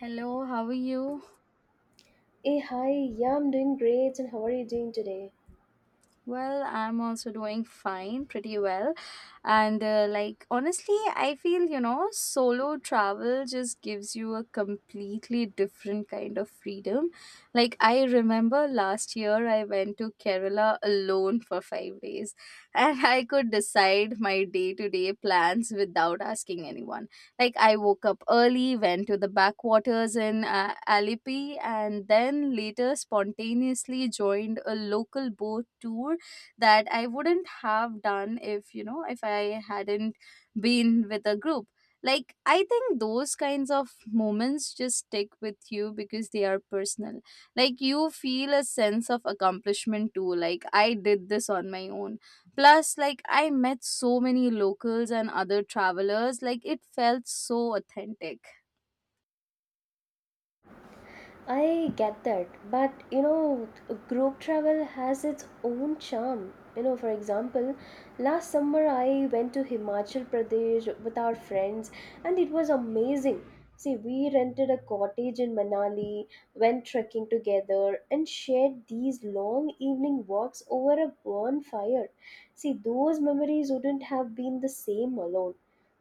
Hello, how are you? Hey, hi. Yeah, I'm doing great. And how are you doing today? Well, I'm also doing fine, pretty well. And like honestly, I feel, solo travel just gives you a completely different kind of freedom. Like I remember last year I went to Kerala alone for 5 days and I could decide my day-to-day plans without asking anyone. Like I woke up early, went to the backwaters in Alipi, and then later spontaneously joined a local boat tour that I wouldn't have done if, you know, if I hadn't been with a group. Like, I think those kinds of moments just stick with you because they are personal. Like, you feel a sense of accomplishment too. Like, I did this on my own. Plus, like, I met so many locals and other travelers. Like, it felt so authentic. I get that, but you know, group travel has its own charm. You know, for example, last summer I went to Himachal Pradesh with our friends and it was amazing. See, we rented a cottage in Manali, went trekking together, and shared these long evening walks over a bonfire. See, those memories wouldn't have been the same alone.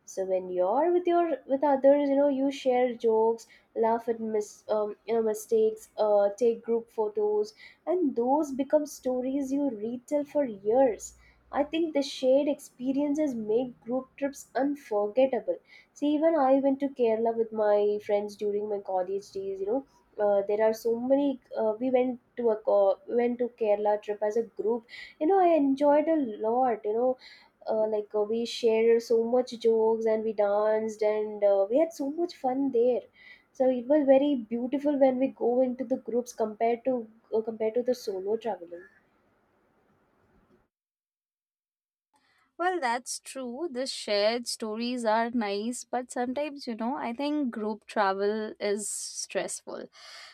So when you're with your with others, you know, you share jokes, laugh at you know, mistakes, take group photos, and those become stories you retell for years. I think the shared experiences make group trips unforgettable. See, even I went to Kerala with my friends during my college days. You know, there are so many. We went to a went to Kerala trip as a group. You know, I enjoyed a lot. You know, we shared so much jokes and we danced, and we had so much fun there, so it was very beautiful when we go into the groups compared to compared to the solo traveling. Well, that's true. The shared stories are nice, but sometimes, you know, I think group travel is stressful.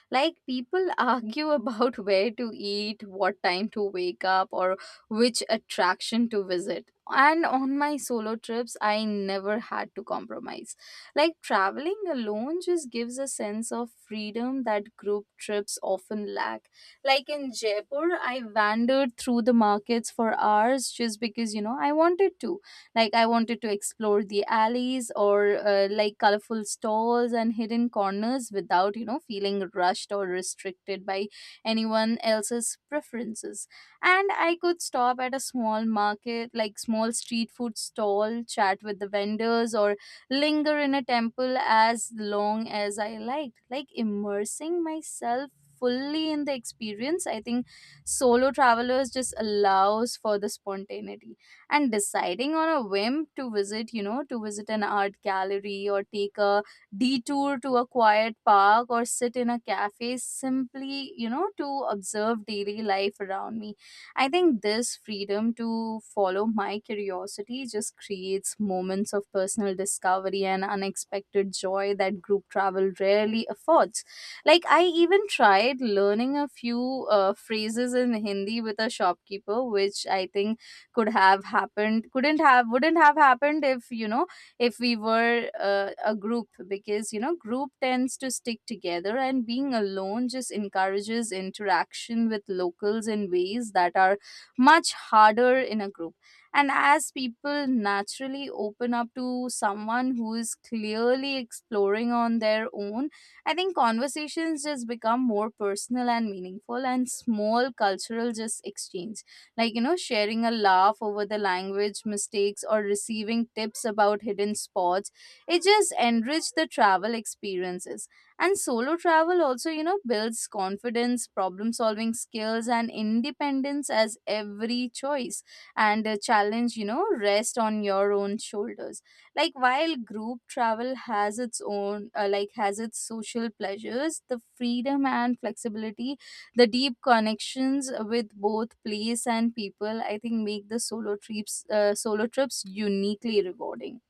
Like people argue about where to eat, what time to wake up, or which attraction to visit. And on my solo trips, I never had to compromise. Like traveling alone just gives a sense of freedom that group trips often lack. Like in Jaipur, I wandered through the markets for hours just because, I wanted to explore the alleys or like colorful stalls and hidden corners without, feeling rushed or restricted by anyone else's preferences. And I could stop at a small market, like small street food stall, chat with the vendors or linger in a temple as long as I liked. Like immersing myself fully in the experience, I think solo travelers just allows for the spontaneity and deciding on a whim to visit an art gallery, or take a detour to a quiet park, or sit in a cafe simply to observe daily life around me. I think this freedom to follow my curiosity just creates moments of personal discovery and unexpected joy that group travel rarely affords. Like I even tried learning a few phrases in Hindi with a shopkeeper, which I think could have happened couldn't have wouldn't have happened if you know if we were a group. Because group tends to stick together and being alone just encourages interaction with locals in ways that are much harder in a group. And as people naturally open up to someone who is clearly exploring on their own, I think conversations just become more personal and meaningful, and small cultural just exchanges, like sharing a laugh over the language mistakes or receiving tips about hidden spots, it just enriched the travel experiences. And solo travel also, builds confidence, problem solving skills, and independence, as every choice and a challenge, rest on your own shoulders. Like while group travel has its social pleasures, the freedom and flexibility, the deep connections with both place and people, I think, make the solo trips uniquely rewarding.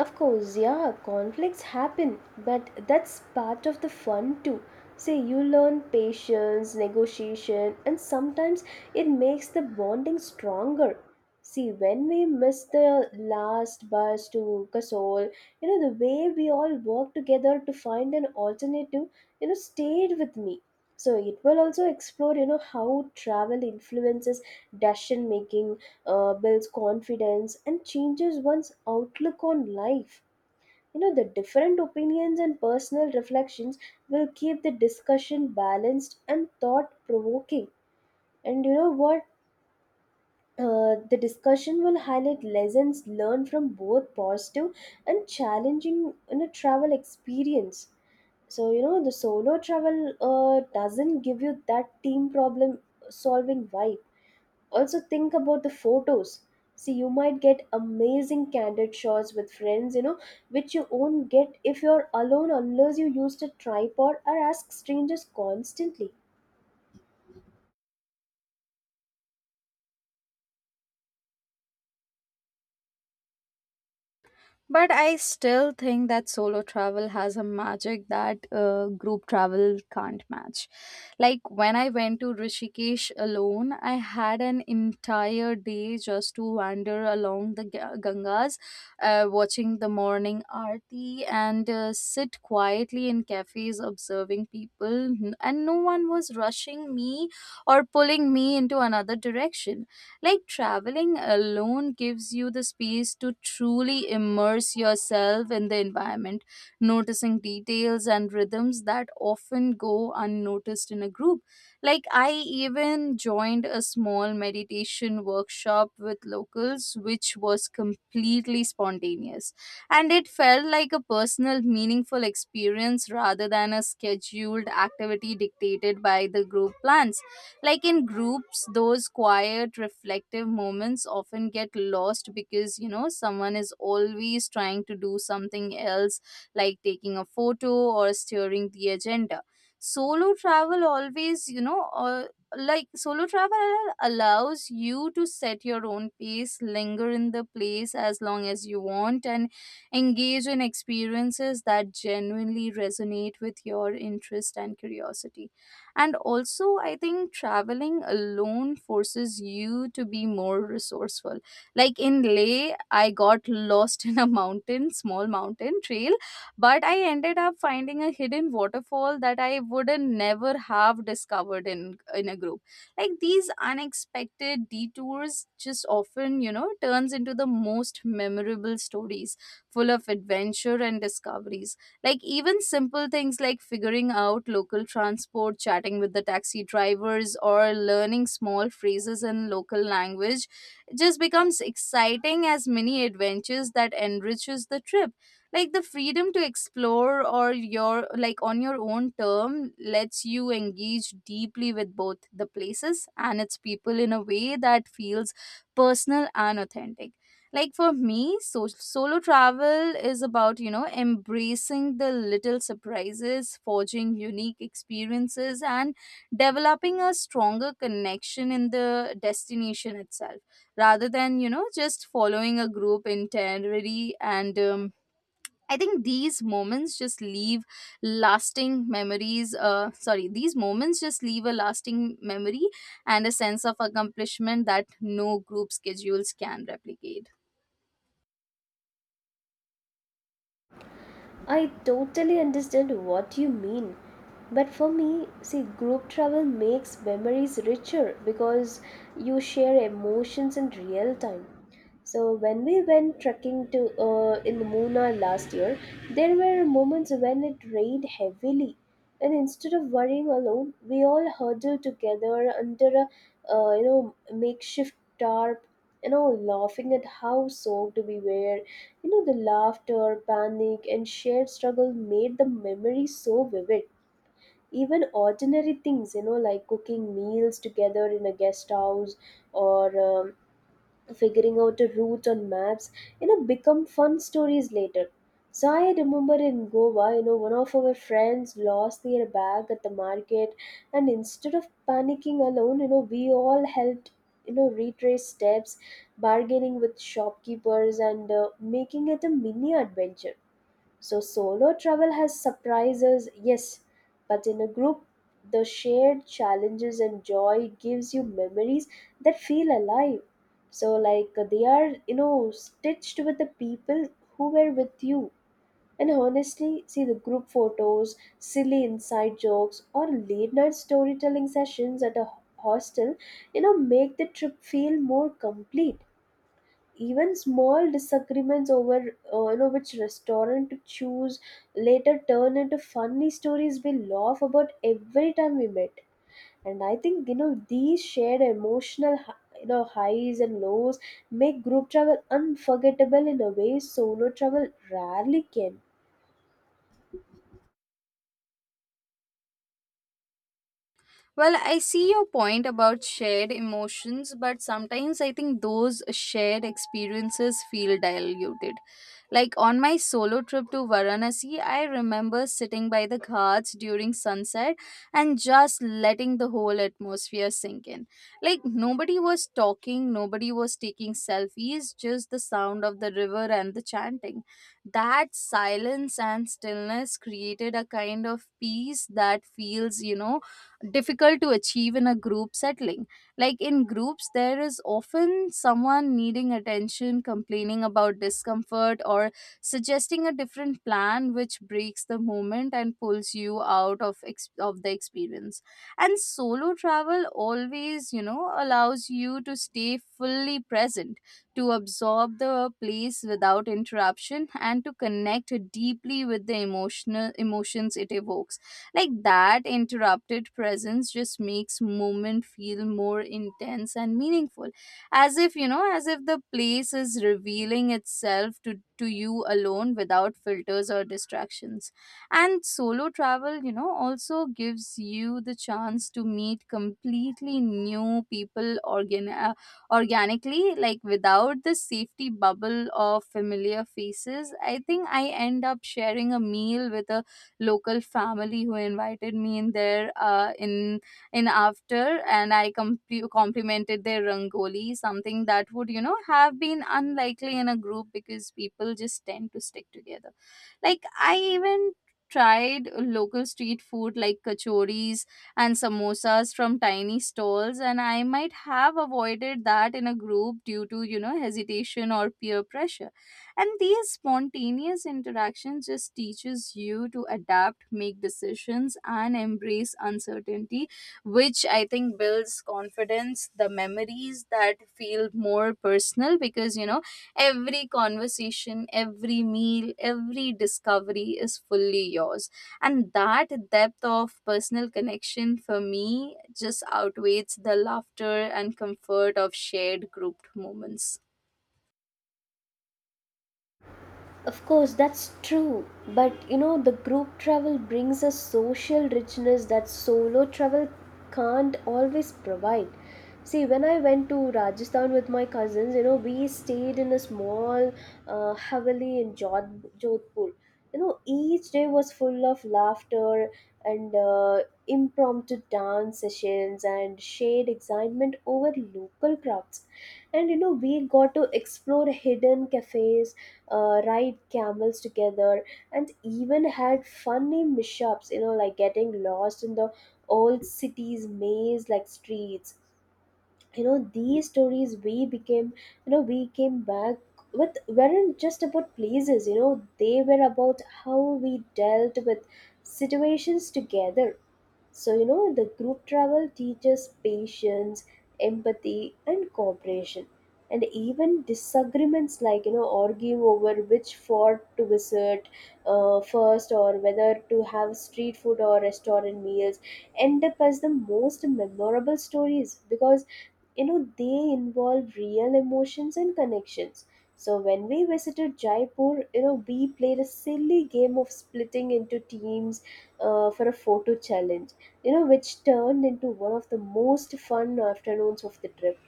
Of course, yeah, conflicts happen, but that's part of the fun too. Say you learn patience, negotiation, and sometimes it makes the bonding stronger. See, when we miss the last bus to Kasol, you know, the way we all worked together to find an alternative, you know, stayed with me. So it will also explore, you know, how travel influences decision making, builds confidence and changes one's outlook on life. You know, the different opinions and personal reflections will keep the discussion balanced and thought provoking. And you know what? The discussion will highlight lessons learned from both positive and challenging, you know, travel experience. So, you know, the solo travel doesn't give you that team problem solving vibe. Also, think about the photos. See, you might get amazing candid shots with friends, you know, which you won't get if you're alone unless you used a tripod or ask strangers constantly. But I still think that solo travel has a magic that group travel can't match. Like when I went to Rishikesh alone, I had an entire day just to wander along the Gangas, watching the morning aarti and sit quietly in cafes observing people. And no one was rushing me or pulling me into another direction. Like traveling alone gives you the space to truly immerse yourself in the environment, noticing details and rhythms that often go unnoticed in a group. Like, I even joined a small meditation workshop with locals, which was completely spontaneous. And it felt like a personal, meaningful experience rather than a scheduled activity dictated by the group plans. Like in groups, those quiet, reflective moments often get lost because, someone is always trying to do something else, like taking a photo or steering the agenda. Solo travel always, you know, uh, solo travel allows you to set your own pace, linger in the place as long as you want, and engage in experiences that genuinely resonate with your interest and curiosity. And also, I think traveling alone forces you to be more resourceful. Like in Leh, I got lost in a small mountain trail, but I ended up finding a hidden waterfall that I wouldn't never have discovered in a group. Like these unexpected detours just often, turns into the most memorable stories, full of adventure and discoveries. Like even simple things like figuring out local transport, chatting with the taxi drivers, or learning small phrases in local language just becomes exciting as mini adventures that enriches the trip. Like the freedom to explore or your like on your own term lets you engage deeply with both the places and its people in a way that feels personal and authentic. Like for me, solo travel is about, embracing the little surprises, forging unique experiences, and developing a stronger connection in the destination itself, rather than, just following a group itinerary. And I think these moments just leave lasting memories. Sorry, these moments just leave a lasting memory and a sense of accomplishment that no group schedules can replicate. I totally understand what you mean. But for me, see, group travel makes memories richer because you share emotions in real time. So when we went trekking to in Munnar last year, there were moments when it rained heavily, and instead of worrying alone, we all huddled together under a you know, makeshift tarp, you know, laughing at how soaked we were. You know, the laughter, panic, and shared struggle made the memory so vivid. Even ordinary things, you know, like cooking meals together in a guest house or figuring out a route on maps, you know, become fun stories later. So I remember in Goa, you know, one of our friends lost their bag at the market, and instead of panicking alone, you know, we all helped, you know, retrace steps, bargaining with shopkeepers, and making it a mini adventure. So solo travel has surprises, yes, but in a group, the shared challenges and joy gives you memories that feel alive. So they are, you know, stitched with the people who were with you. And honestly, see the group photos, silly inside jokes, or late night storytelling sessions at a hostel, you know, make the trip feel more complete. Even small disagreements over you know, which restaurant to choose later turn into funny stories we laugh about every time we met. And I think, you know, these shared emotional you know, highs and lows make group travel unforgettable in a way solo travel rarely can. Well, I see your point about shared emotions, but sometimes I think those shared experiences feel diluted. Like on my solo trip to Varanasi, I remember sitting by the ghats during sunset and just letting the whole atmosphere sink in. Like nobody was talking, nobody was taking selfies, just the sound of the river and the chanting. That silence and stillness created a kind of peace that feels, difficult to achieve in a group setting. Like in groups, there is often someone needing attention, complaining about discomfort, or suggesting a different plan, which breaks the moment and pulls you out of the experience. And solo travel always, allows you to stay fully present, to absorb the place without interruption, and to connect deeply with the emotional emotions it evokes. Like that interrupted presence just makes movement feel more intense and meaningful. As if, as if the place is revealing itself to you alone, without filters or distractions. And solo travel, also gives you the chance to meet completely new people organically, like without the safety bubble of familiar faces. I think I end up sharing a meal with a local family who invited me in there in after. And I complimented their rangoli, something that would, have been unlikely in a group because people just tend to stick together. Like I even tried local street food like kachoris and samosas from tiny stalls, and I might have avoided that in a group due to, hesitation or peer pressure. And these spontaneous interactions just teaches you to adapt, make decisions, and embrace uncertainty, which I think builds confidence. The memories that feel more personal because, every conversation, every meal, every discovery is fully yours. And that depth of personal connection, for me, just outweighs the laughter and comfort of shared grouped moments. Of course, that's true. But you know, the group travel brings a social richness that solo travel can't always provide. See, when I went to Rajasthan with my cousins, you know, we stayed in a small haveli in Jodhpur. You know, each day was full of laughter and impromptu dance sessions and shared excitement over local crafts. And you know, we got to explore hidden cafes, ride camels together, and even had funny mishaps, you know, like getting lost in the old city's maze like streets. You know, these stories we became, you know, we came back with weren't just about places. You know, they were about how we dealt with situations together. So, you know, the group travel teaches patience, empathy, and cooperation. And even disagreements, like, you know, arguing over which fort to visit first, or whether to have street food or restaurant meals, end up as the most memorable stories because, you know, they involve real emotions and connections. So when we visited Jaipur, you know, we played a silly game of splitting into teams for a photo challenge, you know, which turned into one of the most fun afternoons of the trip.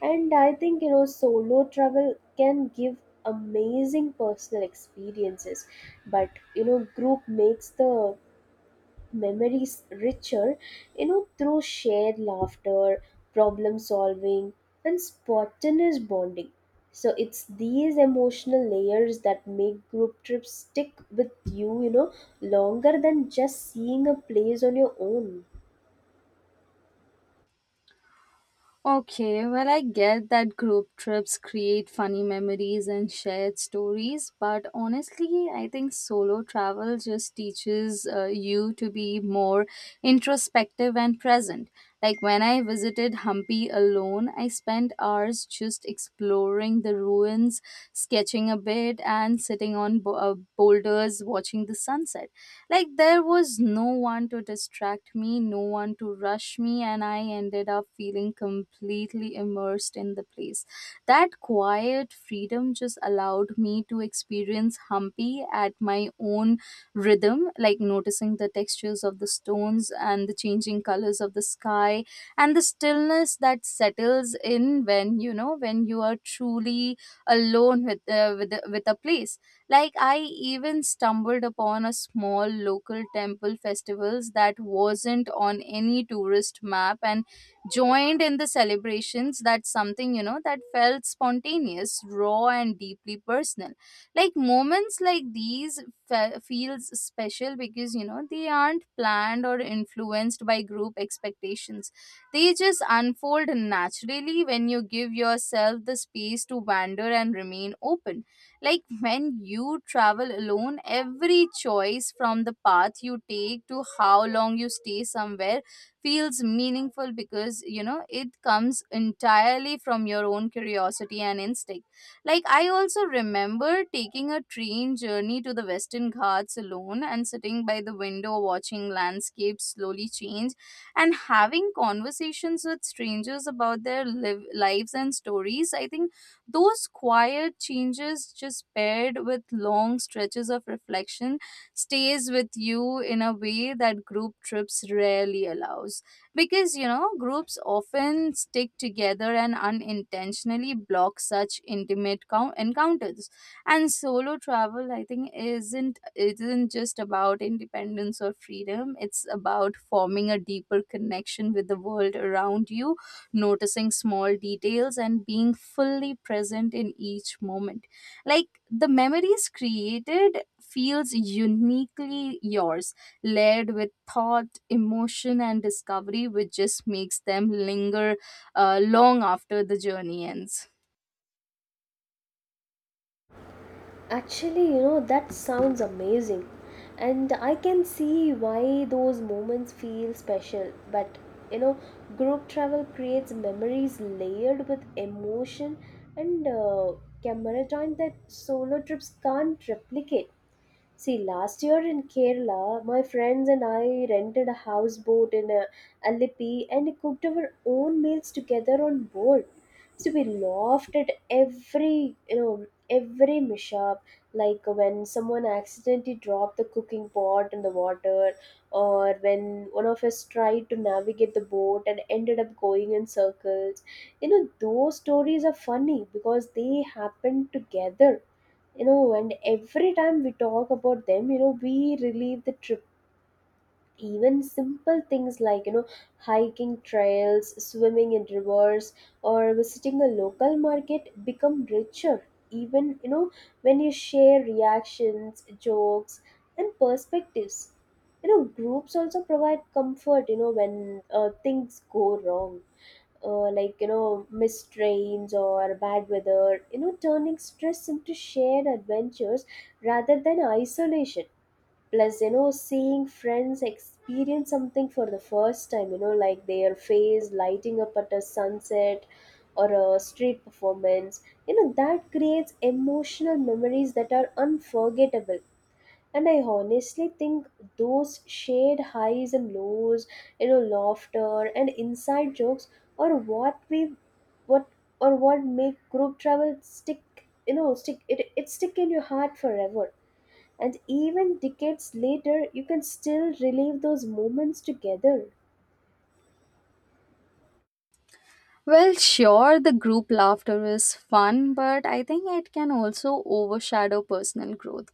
And I think, you know, solo travel can give amazing personal experiences, but, you know, group makes the memories richer, you know, through shared laughter, problem solving, and spontaneous bonding. So it's these emotional layers that make group trips stick with you, you know, longer than just seeing a place on your own. Okay, well, I get that group trips create funny memories and shared stories, but honestly, I think solo travel just teaches you to be more introspective and present. Like when I visited Hampi alone, I spent hours just exploring the ruins, sketching a bit, and sitting on boulders watching the sunset. Like, there was no one to distract me, no one to rush me, and I ended up feeling completely immersed in the place. That quiet freedom just allowed me to experience Hampi at my own rhythm, like noticing the textures of the stones and the changing colors of the sky and the stillness that settles in when, when you are truly alone with a place. Like I even stumbled upon a small local temple festivals that wasn't on any tourist map and joined in the celebrations, that's something, that felt spontaneous, raw, and deeply personal. Like moments like these feels special because, they aren't planned or influenced by group expectations. They just unfold naturally when you give yourself the space to wander and remain open. Like when you travel alone, every choice, from the path you take to how long you stay somewhere, feels meaningful because, it comes entirely from your own curiosity and instinct. Like I also remember taking a train journey to the Western Ghats alone and sitting by the window watching landscapes slowly change and having conversations with strangers about their lives and stories. I think those quiet changes just paired with long stretches of reflection stays with you in a way that group trips rarely allows, because you know groups often stick together and unintentionally block such intimate encounters. And solo travel, I think, isn't just about independence or freedom, it's about forming a deeper connection with the world around you, noticing small details and being fully present in each moment. Like the memories created feels uniquely yours, layered with thought, emotion and discovery, which just makes them linger long after the journey ends. Actually, you know, that sounds amazing. And I can see why those moments feel special. But, you know, group travel creates memories layered with emotion and camera time that solo trips can't replicate. See, last year in Kerala, my friends and I rented a houseboat in a Alipi and cooked our own meals together on board. So we laughed at every, you know, every mishap, like when someone accidentally dropped the cooking pot in the water, or when one of us tried to navigate the boat and ended up going in circles. You know, those stories are funny because they happen together. You know, and every time we talk about them, you know, we relieve the trip. Even simple things, like, you know, hiking trails, swimming in rivers, or visiting a local market become richer, even, you know, when you share reactions, jokes, and perspectives. You know, groups also provide comfort, you know, when things go wrong, like, you know, missed trains or bad weather, you know, turning stress into shared adventures rather than isolation. Plus, you know, seeing friends experience something for the first time, you know, like their face lighting up at a sunset or a street performance, you know, that creates emotional memories that are unforgettable. And I honestly think those shared highs and lows, you know, laughter and inside jokes, or what we what or what make group travel stick, you know, stick it it stick in your heart forever. And even decades later you can still relive those moments together. Well, sure, the group laughter is fun, but I think it can also overshadow personal growth.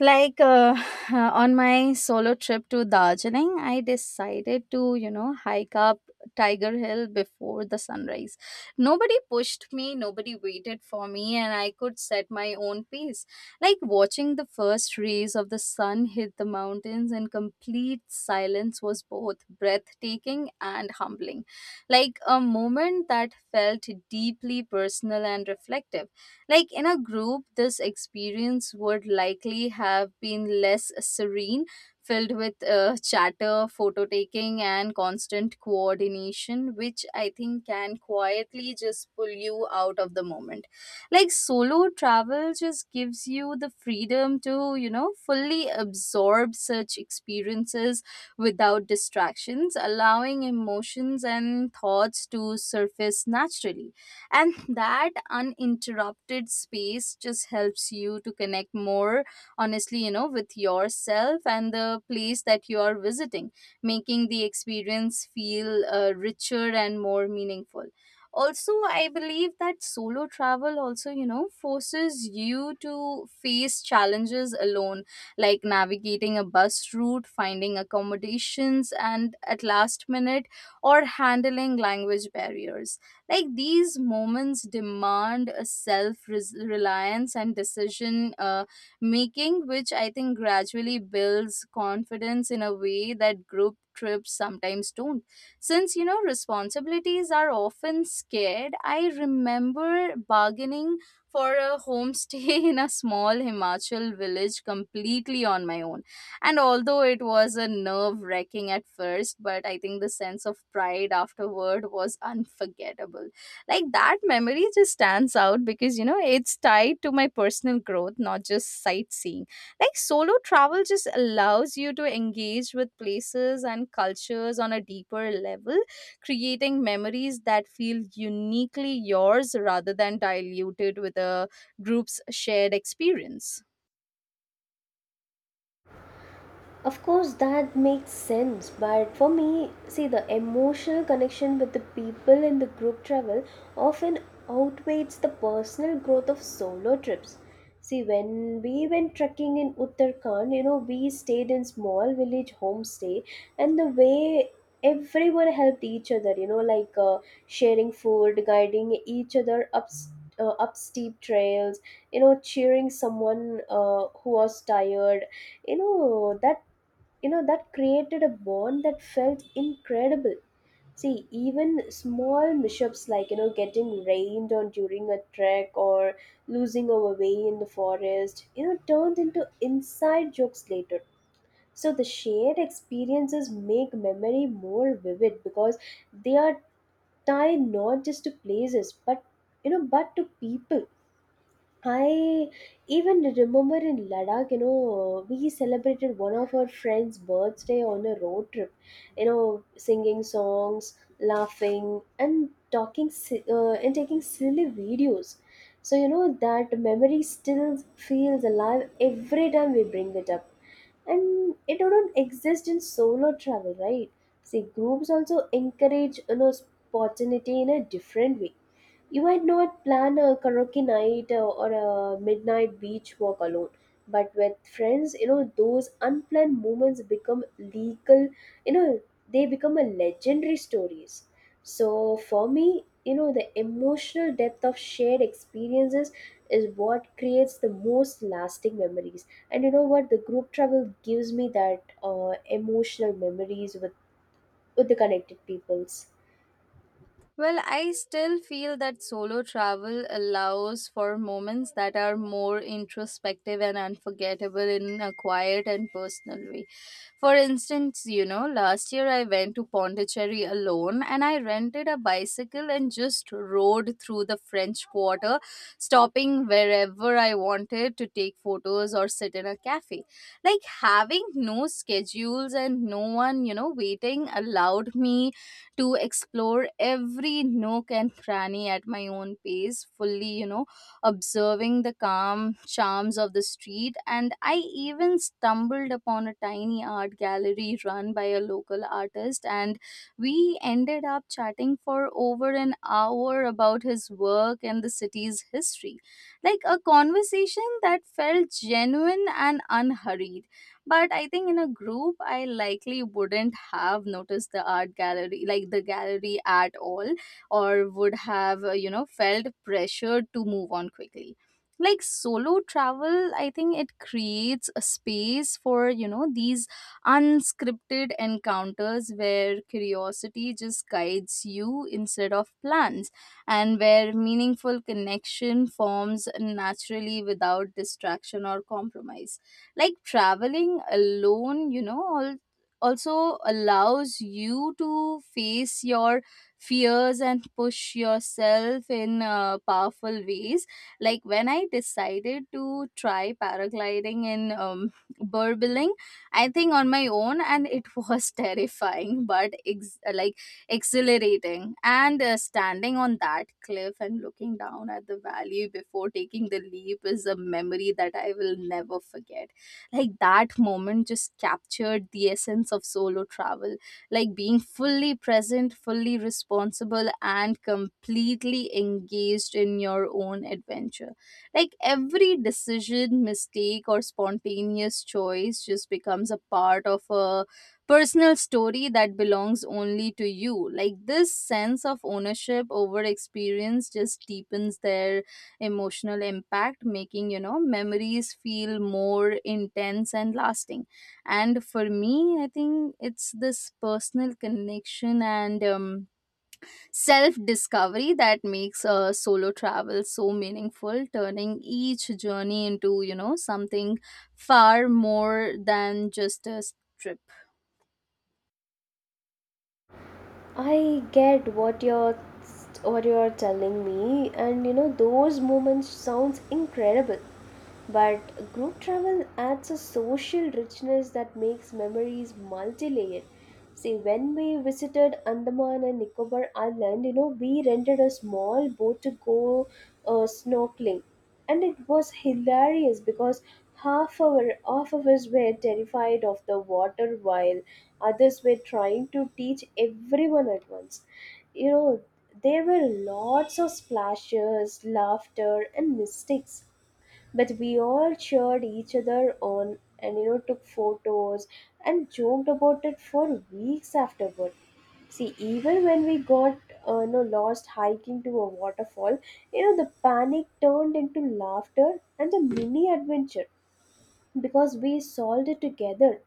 Like on my solo trip to Darjeeling I decided to, you know, hike up Tiger Hill before the sunrise. Nobody pushed me, nobody waited for me, and I could set my own pace. Like watching the first rays of the sun hit the mountains in complete silence was both breathtaking and humbling. Like a moment that felt deeply personal and reflective. Like in a group, this experience would likely have been less serene, filled with chatter, photo taking, and constant coordination, which I think can quietly just pull you out of the moment. Like solo travel just gives you the freedom to, you know, fully absorb such experiences without distractions, allowing emotions and thoughts to surface naturally. And that uninterrupted space just helps you to connect more honestly, you know, with yourself and the place that you are visiting, making the experience feel richer and more meaningful. Also I believe that solo travel also, you know, forces you to face challenges alone, like navigating a bus route, finding accommodations and at last minute, or handling language barriers. Like these moments demand a self reliance and decision making, which I think gradually builds confidence in a way that group trips sometimes don't. Since, you know, responsibilities are often scared, I remember bargaining for a homestay in a small Himachal village completely on my own, and although it was a nerve wracking at first, but I think the sense of pride afterward was unforgettable. Like that memory just stands out because, you know, it's tied to my personal growth, not just sightseeing. Like solo travel just allows you to engage with places and cultures on a deeper level, creating memories that feel uniquely yours rather than diluted with a group's shared experience. Of course, that makes sense. But for me, see, the emotional connection with the people in the group travel often outweighs the personal growth of solo trips. See, when we went trekking in Uttarakhand, you know, we stayed in small village homestay, and the way everyone helped each other, you know, sharing food, guiding each other up steep trails, you know, cheering someone who was tired, you know that you know that created a bond that felt incredible. See, even small mishaps, like, you know, getting rained on during a trek or losing our way in the forest, you know, turned into inside jokes later. So the shared experiences make memory more vivid because they are tied not just to places, but you know but to people. I even remember in Ladakh, you know, we celebrated one of our friend's birthday on a road trip, you know, singing songs, laughing, and talking and taking silly videos. So, you know, that memory still feels alive every time we bring it up. And it don't exist in solo travel, right? See, groups also encourage, you know, spontaneity in a different way. You might not plan a karaoke night or a midnight beach walk alone, but with friends, you know, those unplanned moments become legal, you know, they become a legendary stories. So for me, you know, the emotional depth of shared experiences is what creates the most lasting memories. And you know what? The group travel gives me that emotional memories with the connected peoples. Well, I still feel that solo travel allows for moments that are more introspective and unforgettable in a quiet and personal way. For instance, you know, last year I went to Pondicherry alone and I rented a bicycle and just rode through the French Quarter, stopping wherever I wanted to take photos or sit in a cafe. Like having no schedules and no one, you know, waiting allowed me to explore every nook and cranny at my own pace, fully, you know, observing the calm charms of the street. And I even stumbled upon a tiny art gallery run by a local artist, and we ended up chatting for over an hour about his work and the city's history. Like a conversation that felt genuine and unhurried. But I think in a group I likely wouldn't have noticed the art gallery, like the gallery at all, or would have you know, felt pressured to move on quickly. Like solo travel, I think it creates a space for, you know, these unscripted encounters where curiosity just guides you instead of plans, and where meaningful connection forms naturally without distraction or compromise. Like traveling alone, you know, also allows you to face your fears and push yourself in powerful ways. Like when I decided to try paragliding in burbling, I think, on my own, and it was terrifying but like exhilarating. And standing on that cliff and looking down at the valley before taking the leap is a memory that I will never forget. Like that moment just captured the essence of solo travel. Like being fully present, fully responsible and completely engaged in your own adventure. Like every decision, mistake or spontaneous choice just becomes a part of a personal story that belongs only to you. Like this sense of ownership over experience just deepens their emotional impact, making, you know, memories feel more intense and lasting. And for me, I think it's this personal connection and self discovery that makes solo travel so meaningful, turning each journey into, you know, something far more than just a trip. I get what you're telling me, and you know those moments sounds incredible, but group travel adds a social richness that makes memories multi-layered. See, when we visited Andaman and Nicobar Island, you know, we rented a small boat to go snorkeling, and it was hilarious because half of us were terrified of the water while others were trying to teach everyone at once. You know, there were lots of splashes, laughter, and mistakes. But we all cheered each other on and, you know, took photos and joked about it for weeks afterward. See, even when we got you know, lost hiking to a waterfall, you know, the panic turned into laughter and a mini adventure because we solved it together.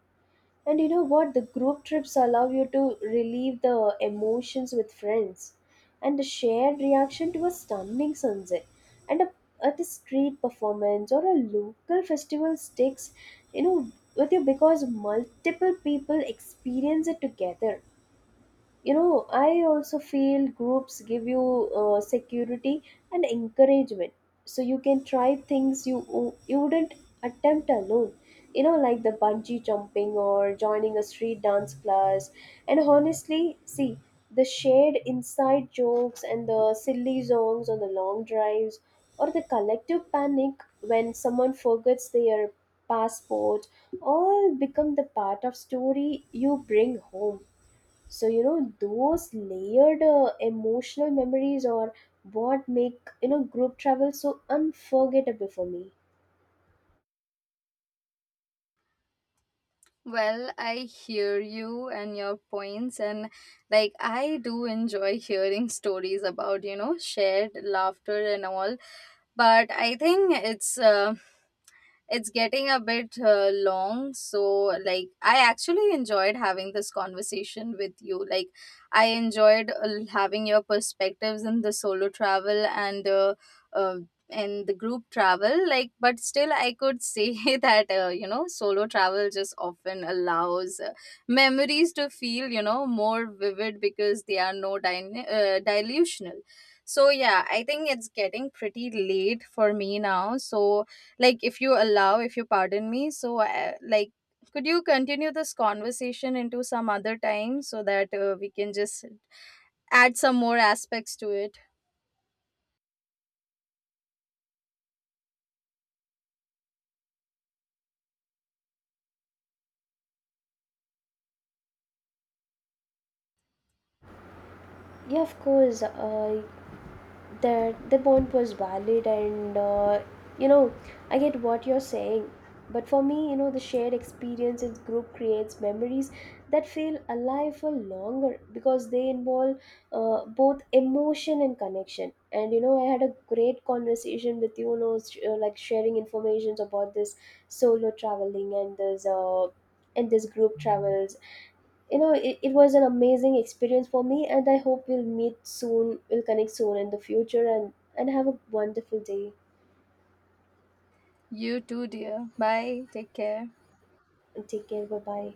And you know what? The group trips allow you to relieve the emotions with friends, and the shared reaction to a stunning sunset, and a, at a street performance or a local festival sticks, you know, with you because multiple people experience it together. You know, I also feel groups give you security and encouragement, so you can try things you wouldn't attempt alone, you know, like the bungee jumping or joining a street dance class. And honestly, see, the shared inside jokes and the silly songs on the long drives, or the collective panic when someone forgets their passport, all become the part of story you bring home. So you know those layered emotional memories are what make, you know, group travel so unforgettable for me. Well, I hear you and your points, and like I do enjoy hearing stories about, you know, shared laughter and all, but I think it's getting a bit long. So like I actually enjoyed having this conversation with you. Like I enjoyed having your perspectives in the solo travel uh, and the group travel. Like but still I could say that you know, solo travel just often allows memories to feel, you know, more vivid because they are no dilutional. So yeah, I think it's getting pretty late for me now. So like if you allow, if you pardon me, so like could you continue this conversation into some other time so that we can just add some more aspects to it. Yeah, of course. That the point was valid, and you know, I get what you're saying, but for me, you know, the shared experience in group creates memories that feel alive for longer because they involve both emotion and connection. And you know, I had a great conversation with you, you know, sharing information about this solo traveling and this and this group travels. You know, it was an amazing experience for me, and I hope we'll meet soon, we'll connect soon in the future, and have a wonderful day. You too, dear. Bye, take care. And take care. Bye bye.